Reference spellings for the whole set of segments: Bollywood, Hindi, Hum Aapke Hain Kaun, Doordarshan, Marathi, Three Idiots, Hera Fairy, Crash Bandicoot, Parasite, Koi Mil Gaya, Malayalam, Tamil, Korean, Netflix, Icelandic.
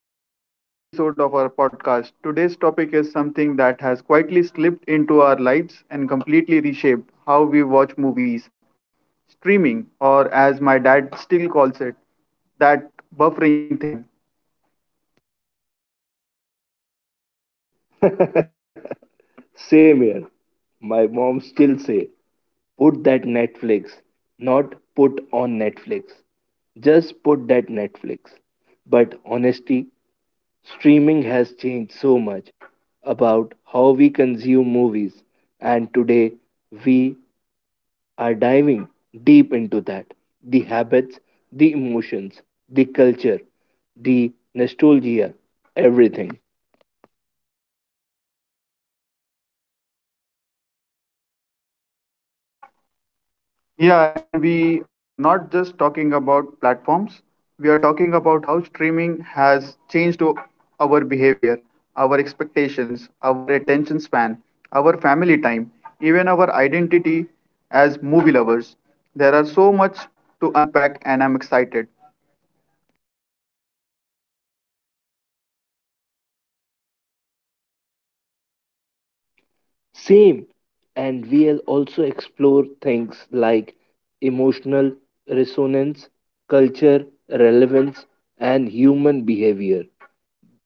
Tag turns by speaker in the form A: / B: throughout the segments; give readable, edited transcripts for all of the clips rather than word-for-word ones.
A: everyone, to another episode of our podcast. Today's topic is something that has quietly slipped into our lives and completely reshaped how we watch movies streaming, or as my dad still calls it, that buffering thing.
B: Same here. My mom still say, "Put that Netflix," not "Put on Netflix." Just put that Netflix. But honestly, streaming has changed so much about how we consume movies, and today we are diving deep into that the habits, the emotions, the culture, the nostalgia, everything.
A: Yeah, and we are not just talking about platforms. We are talking about how streaming has changed our behavior, our expectations, our attention span, our family time, even our identity as movie lovers. There are so much to unpack, and I'm excited.
B: Same. And we'll also explore things like emotional resonance, culture, relevance, and human behavior.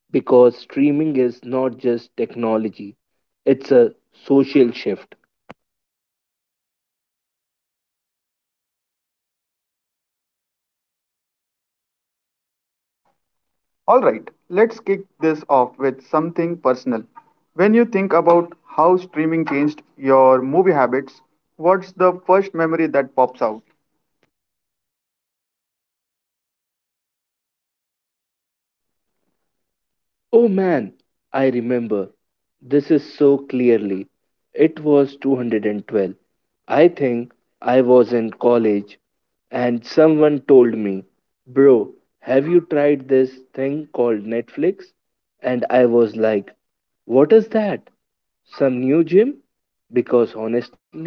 B: Because streaming is not just technology, it's a social shift.
A: All right, let's kick this off with something personal. When you think about how streaming changed your movie habits, what's the first memory that pops out?
B: Oh man, I remember. This is so clearly. It was 212. I think I was in college and someone told me, "Bro, have you tried this thing called Netflix?" And I was like, "What is that? Some new gym?" Because honestly,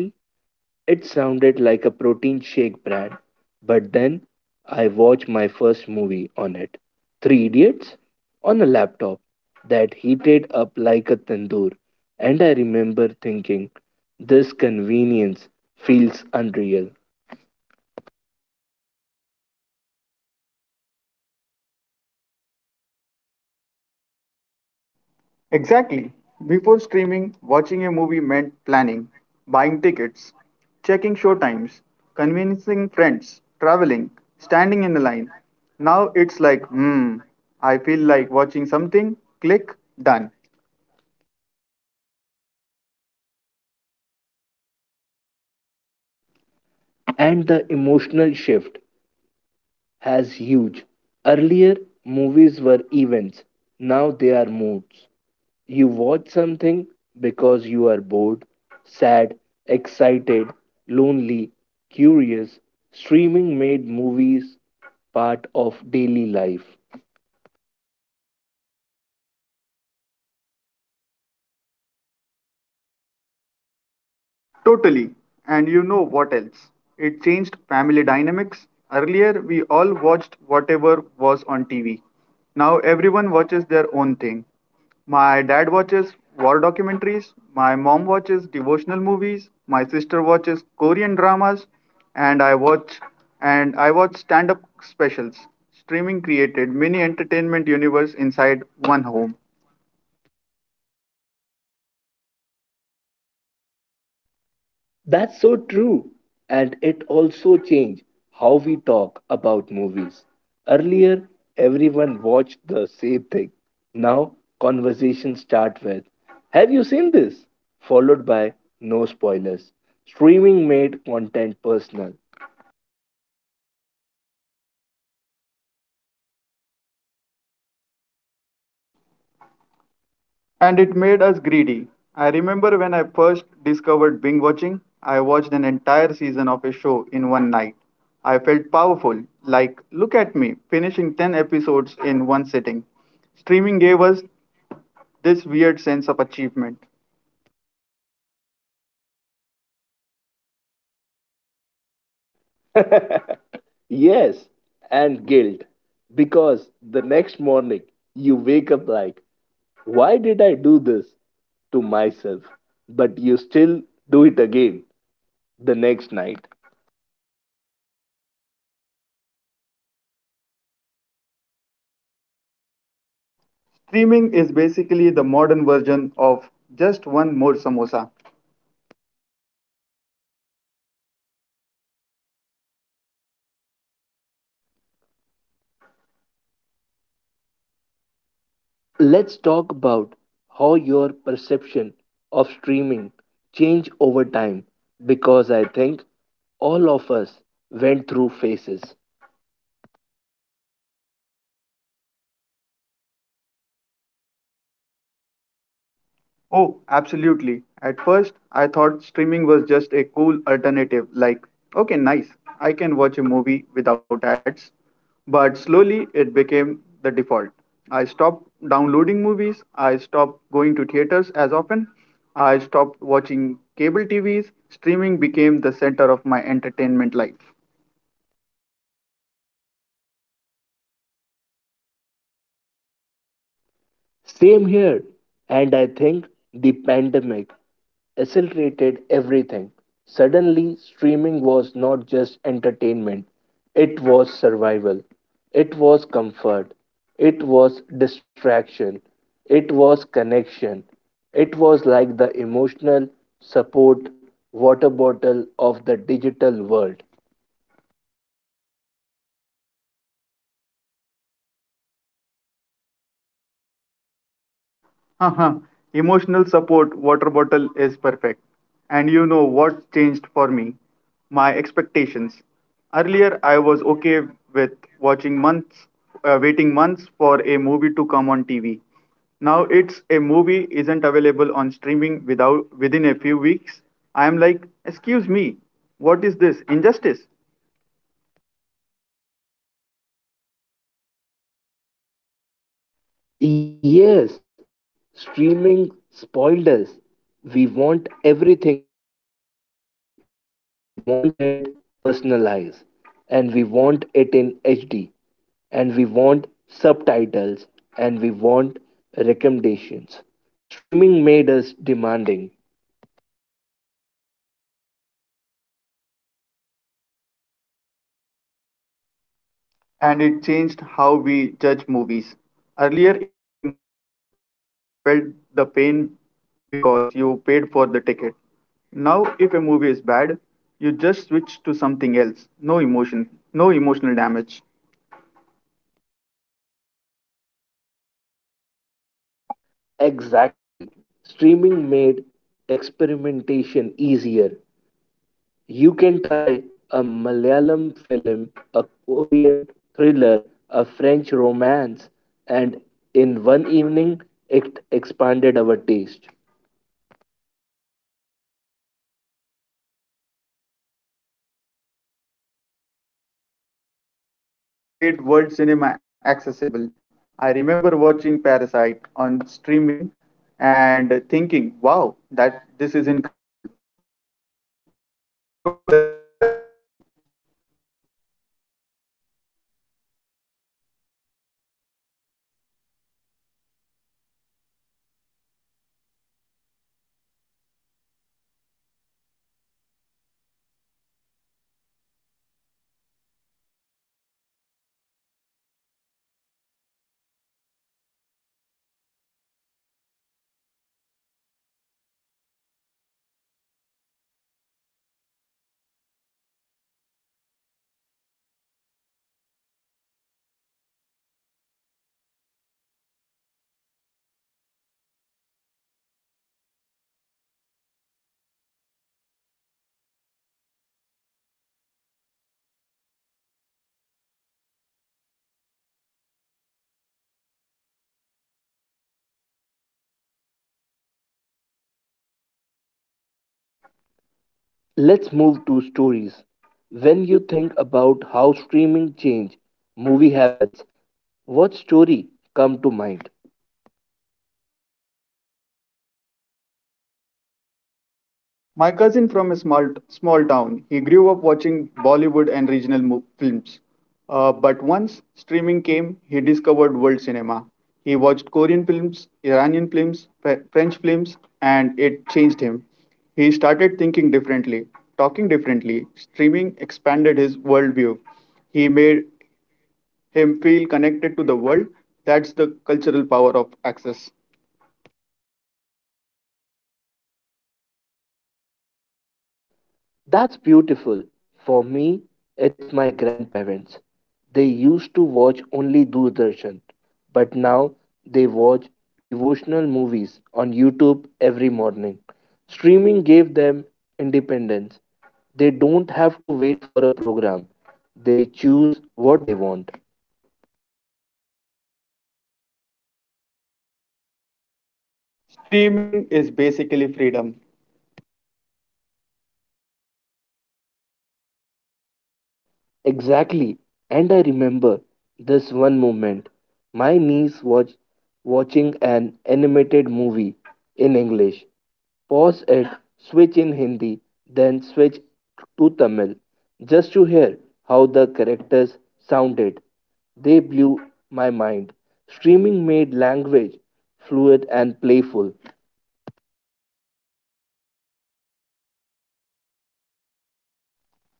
B: it sounded like a protein shake brand, but then I watched my first movie on it, Three Idiots, on a laptop that heated up like a tandoor, and I remember thinking, this convenience feels unreal.
A: Exactly. Before streaming, watching a movie meant planning, buying tickets, checking show times, convincing friends, traveling, standing in a line. Now it's like, I feel like watching something, click, done.
B: And the emotional shift has huge. Earlier, movies were events, now they are moods. You watch something because you are bored, sad, excited, lonely, curious. Streaming made movies part of daily life.
A: Totally. And you know what else? It changed family dynamics. Earlier, we all watched whatever was on TV. Now, everyone watches their own thing. My dad watches war documentaries, my mom watches devotional movies, my sister watches Korean dramas, and I watch and I watch stand-up specials. Streaming created mini entertainment universe inside one home.
B: That's so true. And it also changed how we talk about movies. Earlier, everyone watched the same thing. Now, conversations start with, "Have you seen this?" followed by, "No spoilers." Streaming made content personal.
A: And it made us greedy. I remember when I first discovered binge watching, I watched an entire season of a show in one night. I felt powerful, like, look at me, finishing 10 episodes in one sitting. Streaming gave us this weird sense of achievement.
B: Yes, and guilt. Because the next morning you wake up like, why did I do this to myself? But you still do it again the next night.
A: Streaming is basically the modern version of just one more samosa.
B: Let's talk about how your perception of streaming changed over time because I think all of us went through phases.
A: Oh, absolutely. At first, I thought streaming was just a cool alternative, like, okay, nice, I can watch a movie without ads. But slowly, it became the default. I stopped downloading movies, I stopped going to theaters as often, I stopped watching cable TVs. Streaming became the center of my entertainment life.
B: Same here. And I think the pandemic accelerated everything. Suddenly, streaming was not just entertainment, it was survival, it was comfort, it was distraction, it was connection, it was like the emotional support water bottle of the digital world.
A: Haha, emotional support water bottle is perfect. And you know what changed for me? My expectations. Earlier, I was okay with watching months, waiting months for a movie to come on TV. Now it's a movie isn't available on streaming without within a few weeks. I am like, excuse me, what is this injustice?
B: Yes, streaming spoiled us. We want everything instantly, and we want it personalized, and we want it in HD, and we want subtitles, and we want recommendations. Streaming made us demanding.
A: And it changed how we judge movies. Earlier, if a movie was bad, you felt the pain because you paid for the ticket. Now, if a movie is bad, you just switch to something else. No emotion, no emotional damage.
B: Exactly. Streaming made experimentation easier. You can try a Malayalam film, a Korean thriller, a French romance, and in one evening it expanded our taste.
A: And it made world cinema accessible. I remember watching Parasite on streaming and thinking, wow, that this is incredible. Streaming book broke cultural barrier. And it made long format storytelling mainstream. Earlier, movie were the main thing. Now, series and series are equally important, sometimes even better.
B: Let's move to stories. When you think about how streaming changed movie habits, what story come to mind?
A: My cousin from a small town. He grew up watching Bollywood and regional films. But once streaming came, he discovered world cinema. He watched Korean films, Iranian films, French films, and it changed him. He started thinking differently, talking differently. Streaming expanded his worldview. He made him feel connected to the world. That's the cultural power of access.
B: That's beautiful. For me, it's my grandparents. They used to watch only Doordarshan, but now they watch devotional movies on YouTube every morning. Streaming gave them independence. They don't have to wait for a program, they choose what they want.
A: Streaming is basically freedom.
B: Exactly. And I remember this one moment. My niece was watching an animated movie in English. Pause it, switch in Hindi, then switch to Tamil just to hear how the characters sounded. They blew my mind. Streaming made language fluid and playful.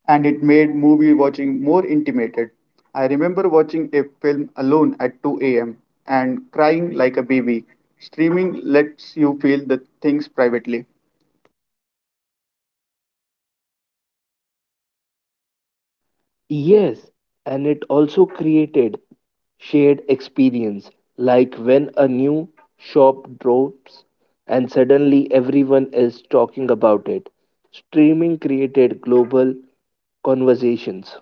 A: And it made movie watching more intimate. I remember watching a film alone at 2 a.m. and crying like a baby. Streaming lets you feel the things privately,
B: Yes, and it also created shared experience, like when a new shop drops and suddenly everyone is talking about it. Streaming created global conversations.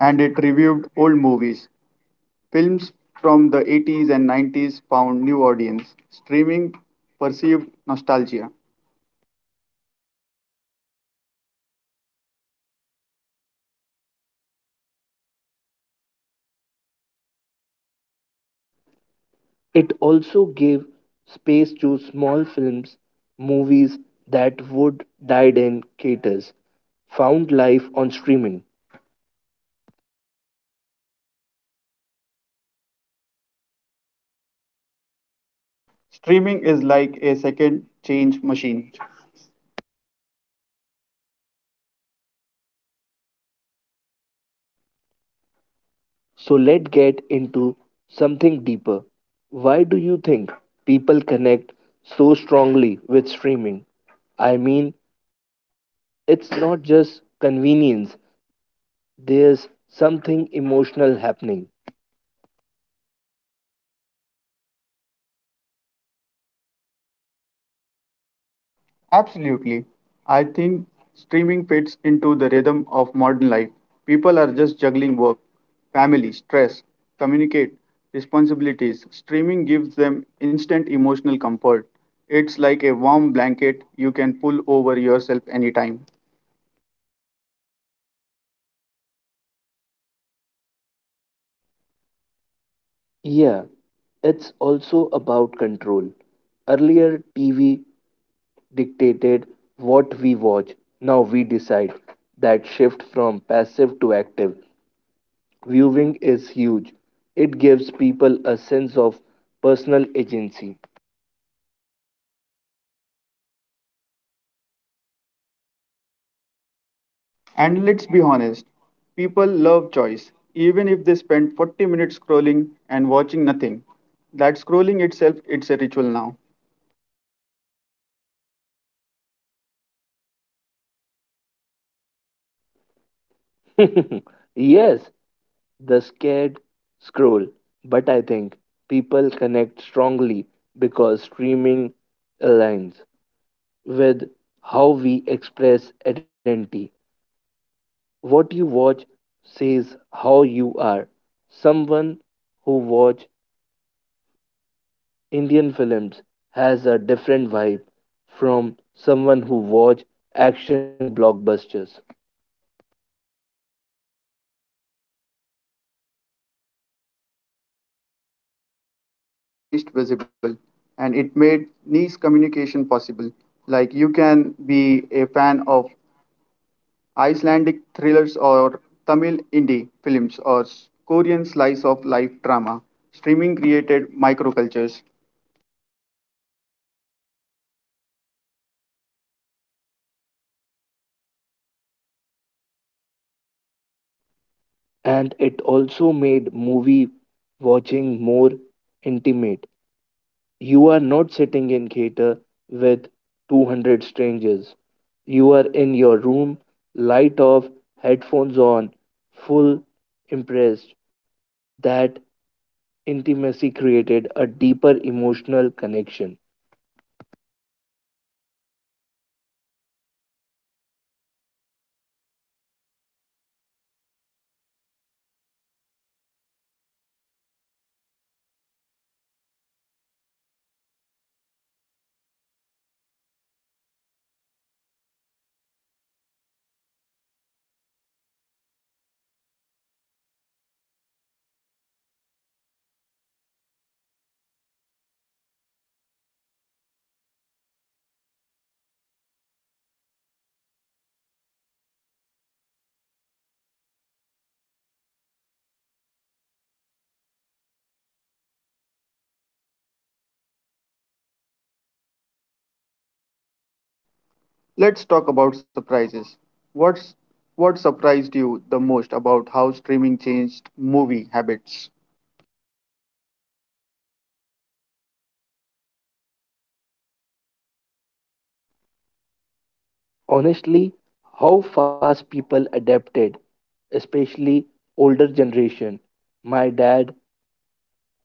A: and it reviewed old movies. Films from the 80s and 90s found new audience. Streaming perceived nostalgia.
B: It also gave space to small films, movies that would died in caters, found life on streaming.
A: Streaming is like a second change machine.
B: So let's get into something deeper. Why do you think people connect so strongly with streaming? I mean, it's not just convenience, there's something emotional happening.
A: Absolutely. I think streaming fits into the rhythm of modern life. People are just juggling work, family, stress, communicate, responsibilities. Streaming gives them instant emotional comfort. It's like a warm blanket you can pull over yourself anytime.
B: Yeah, it's also about control. Earlier, TV dictated what we watch. Now we decide. That shift from passive to active viewing is huge. It gives people a sense of personal agency.
A: And let's be honest, people love choice. Even if they spend 40 minutes scrolling and watching nothing, that scrolling itself it's a ritual now.
B: Yes, the scared scroll, but I think people connect strongly because streaming aligns with how we express identity. What you watch says how you are. Someone who watch Indian films has a different vibe from someone who watch action blockbusters.
A: Exactly. Streaming made taste visible and it made niche communication possible. Like you can be a fan of Icelandic thrillers or Tamil indie films or Korean slice of life drama. Streaming created microcultures.
B: And it also made movie watching more intimate. You are not sitting in theater with 200 strangers. You are in your room, light off, headphones on, full impressed. That intimacy created a deeper emotional connection.
A: Let's talk about surprises. What's what surprised you the most about how streaming changed movie habits?
B: Honestly, how fast people adapted, especially older generation. My dad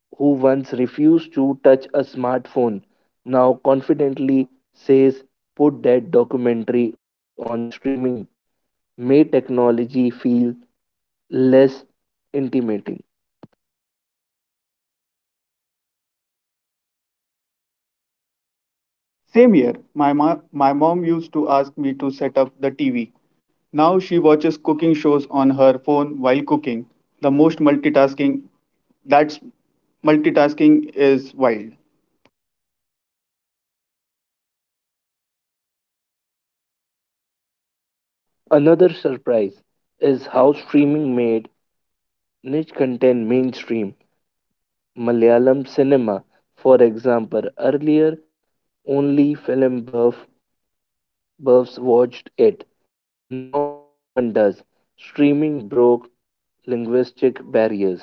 B: who once refused to touch a smartphone now confidently says, "Put that documentary on streaming," made technology feel less intimidating.
A: Same here, my mom used to ask me to set up the TV. Now she watches cooking shows on her phone while cooking. The most multitasking that's multitasking is wild.
B: Another surprise is how streaming made niche content mainstream. Malayalam cinema, for example, earlier only film buffs watched it. Now everyone does. Streaming broke linguistic barriers.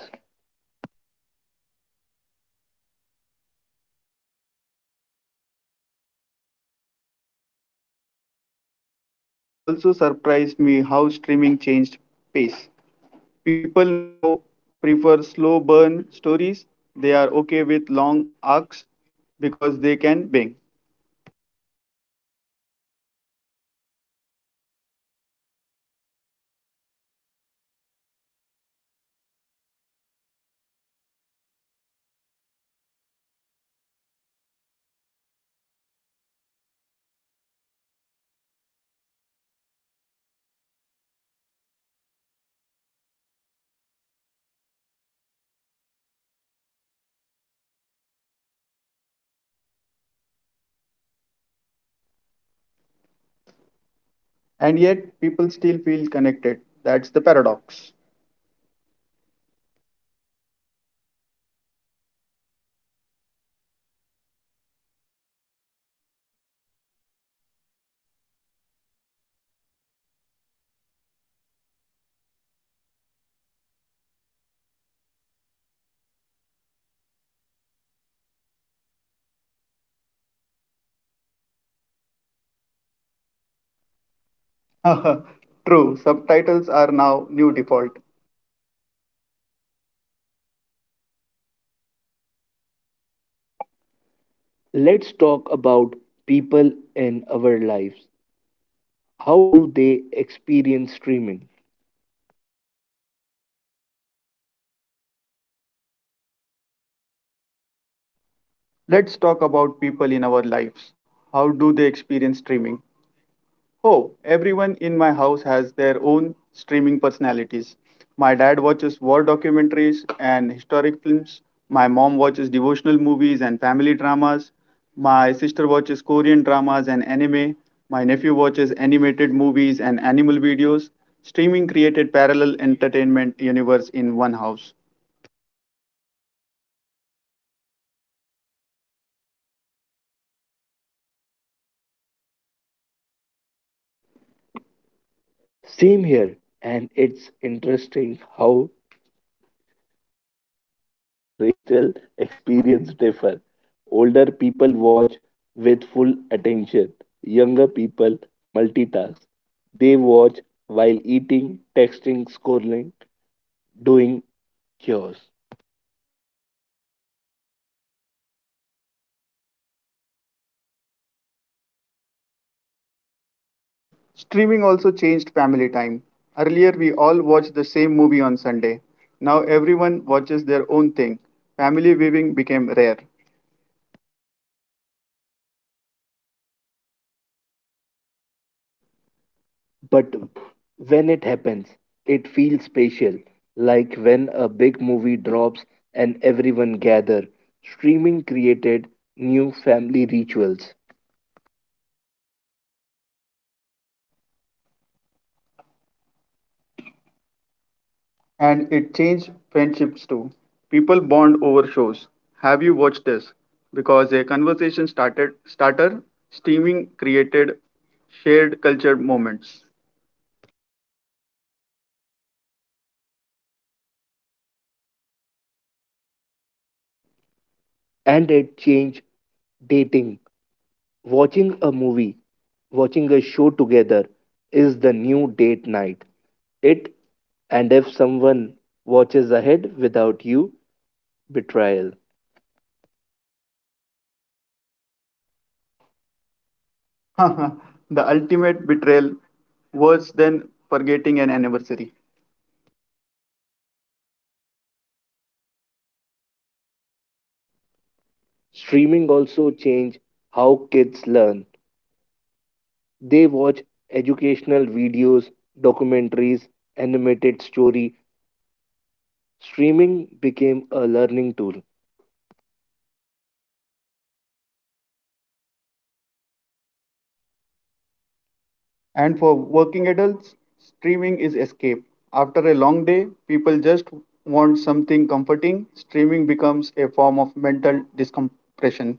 A: Yes, and it also surprised me how streaming changed pace. People now prefer slow burn stories. They are okay with long arcs because they can bing.
B: And the biggest surprise how streaming changed attention spans. People pause movies to check messages, grab snacks, talk to someone. The movie experience become fragmented but flexible.
A: And yet people still feel connected. That's the paradox.
B: Also, streaming made subtitle normal. Earlier, subtitles were for serious films. Now, everyone uses them, even for English movies.
A: True, subtitles are now new default.
B: Let's talk about people in our lives. How do they experience streaming?
A: Let's talk about people in our lives. How do they experience streaming? Oh, everyone in my house has their own streaming personalities. My dad watches war documentaries and historic films. My mom watches devotional movies and family dramas. My sister watches Korean dramas and anime. My nephew watches animated movies and animal videos. Streaming created parallel entertainment universe in one house.
B: Same here, and it's interesting how generational experience differ. Older people watch with full attention. Younger people multitask. They watch while eating, texting, scrolling, doing chores.
A: Streaming also changed family time. Earlier, we all watched the same movie on Sunday. Now, everyone watches their own thing. Family viewing became rare.
B: But when it happens, it feels special, like when a big movie drops and everyone gather. Streaming created new family rituals.
A: And it changed friendships too. People bond over shows. Have you watched this? Because a conversation started starter, streaming created shared culture moments.
B: And it changed dating. Watching a movie, watching a show together is the new date night. It and if someone watches ahead without you, betrayal.
A: The ultimate betrayal worse than forgetting an anniversary.
B: Streaming also change how kids learn. They watch educational videos, documentaries, animated story. Streaming became a learning tool.
A: And for working adults, streaming is escape. After a long day, people just want something comforting. Streaming becomes a form of mental discompression.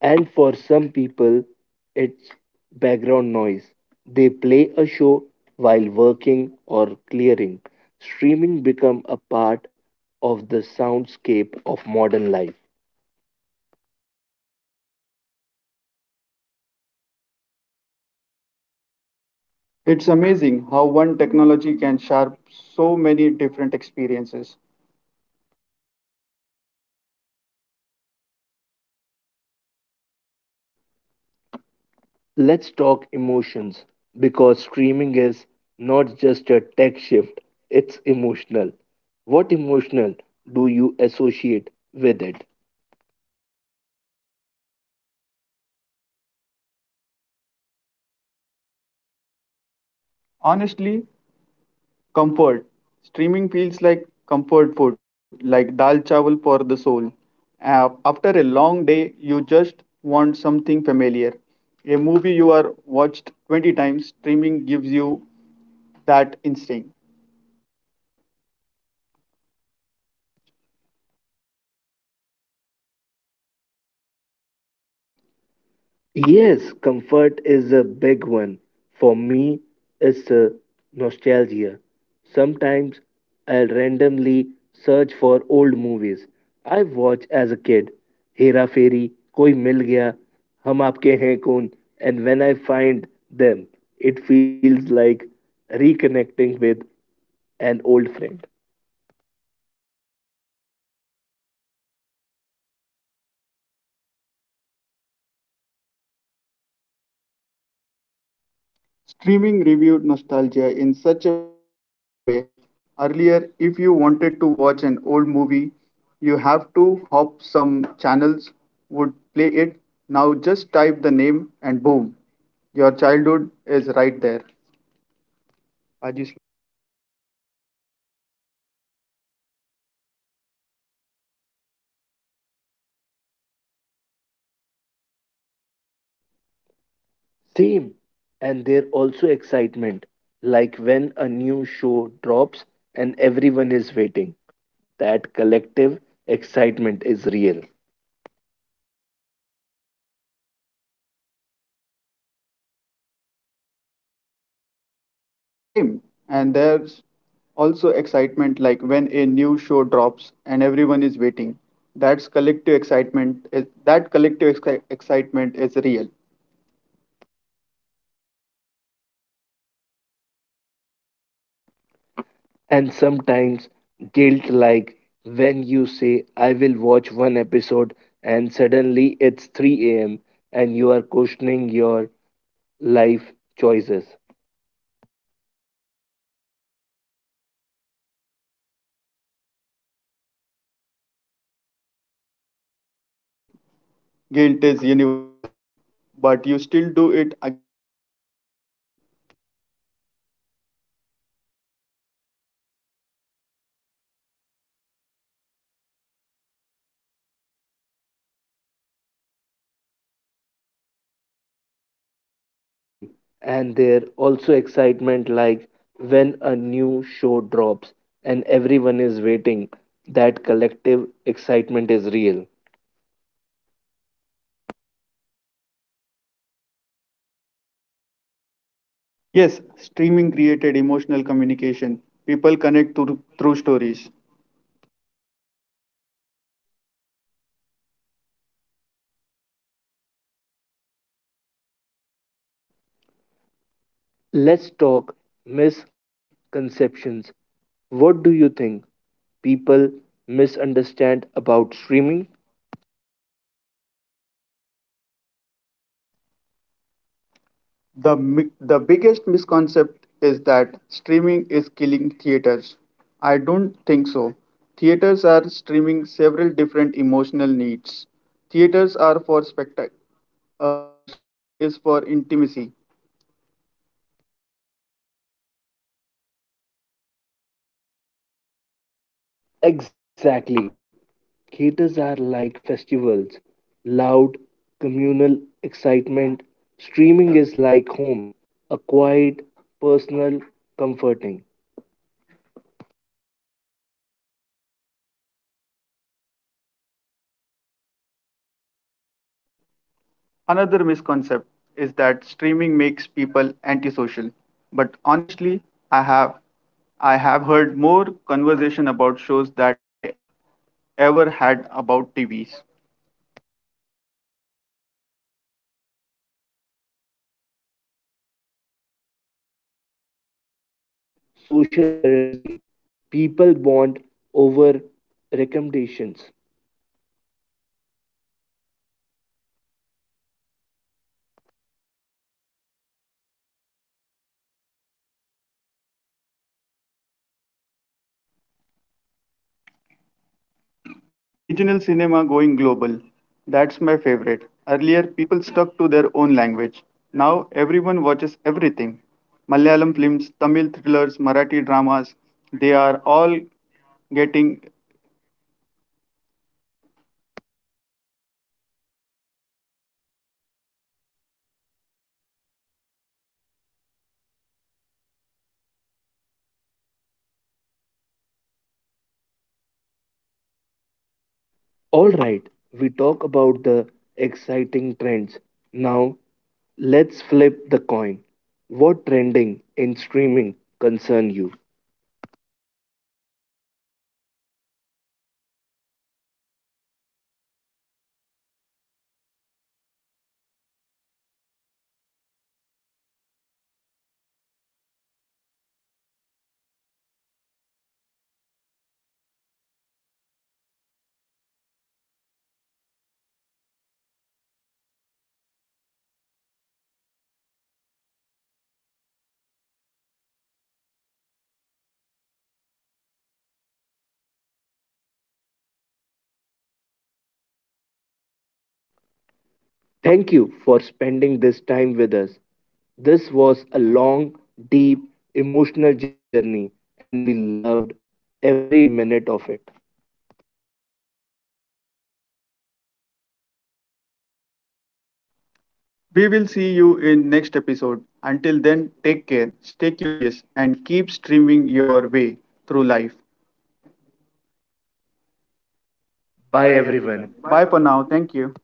B: And for some people, it's background noise. They play a show while working or clearing. Streaming become a part of the soundscape of modern life.
A: It's amazing how one technology can sharp so many different experiences.
B: Let's talk emotions because streaming is not just a tech shift, it's emotional. What emotional do you associate with it?
A: Honestly, comfort. Streaming feels like comfort food, like dal chawal for the soul. After a long day, you just want something familiar. A movie you are watched 20 times, streaming gives you that instinct.
B: Yes, comfort is a big one. For me, it's nostalgia. Sometimes I'll randomly search for old movies I watched as a kid. Hera Fairy, Koi Mil Gaya, Hum Aapke Hain Kaun, and when I find them, it feels like reconnecting with an old friend.
A: Streaming reviewed nostalgia in such a powerful way. Earlier, if you wanted to watch an old movie, you have to hop some channels would play it. Now just type the name and boom, your childhood is right there.
B: Same. And there also excitement, like when a new show drops and everyone is waiting. That collective excitement is real.
A: Same. And there's also excitement like when a new show drops and everyone is waiting. That's collective excitement. Is, that collective exci- excitement is real.
B: And sometimes guilt, like when you say, "I will watch one episode," and suddenly it's 3 a.m. and you are questioning your life choices.
A: The Bing watch guilt is universal, but you still do it again the next day.
B: Same, and there also excitement like when a new show drops and everyone is waiting. That collective excitement is real.
A: Yes, streaming created emotional communication. People connect through stories.
B: Let's talk misconceptions. What do you think people misunderstand about streaming?
A: The biggest misconception is that streaming is killing theaters. I don't think so. Theaters are streaming several different emotional needs. Theaters are for spectacle. Streaming is for intimacy.
B: Exactly. Theaters are like festivals, loud, communal excitement. Streaming is like home, a quiet, personal, comforting.
A: Another misconception is that streaming makes people antisocial, but honestly, I have I have heard more conversation about shows that I ever had about TVs.
B: Yes, streaming actually created social currency. People bond over recommendations.
A: Regional cinema going global. That's my favorite. Earlier, people stuck to their own language. Now, everyone watches everything Malayalam films, Tamil thrillers, Marathi dramas. They are all getting
B: All right, we talk about the exciting trends. Now, let's flip the coin. What trending in streaming concern you?
A: honestly, content overloaded. There's just too much. Every week, 20 new shows, 15 new movies, 10 new documentaries. It's overwhelming. Sometimes I feel like I'm drawing in options.
B: Thank you for spending this time with us. This was a long, deep, emotional journey and we loved every minute of it.
A: We will see you in next episode. Until then, take care, stay curious and keep streaming your way through life.
B: Bye
A: Bye everyone.
B: everyone.
A: Bye for now. Thank you.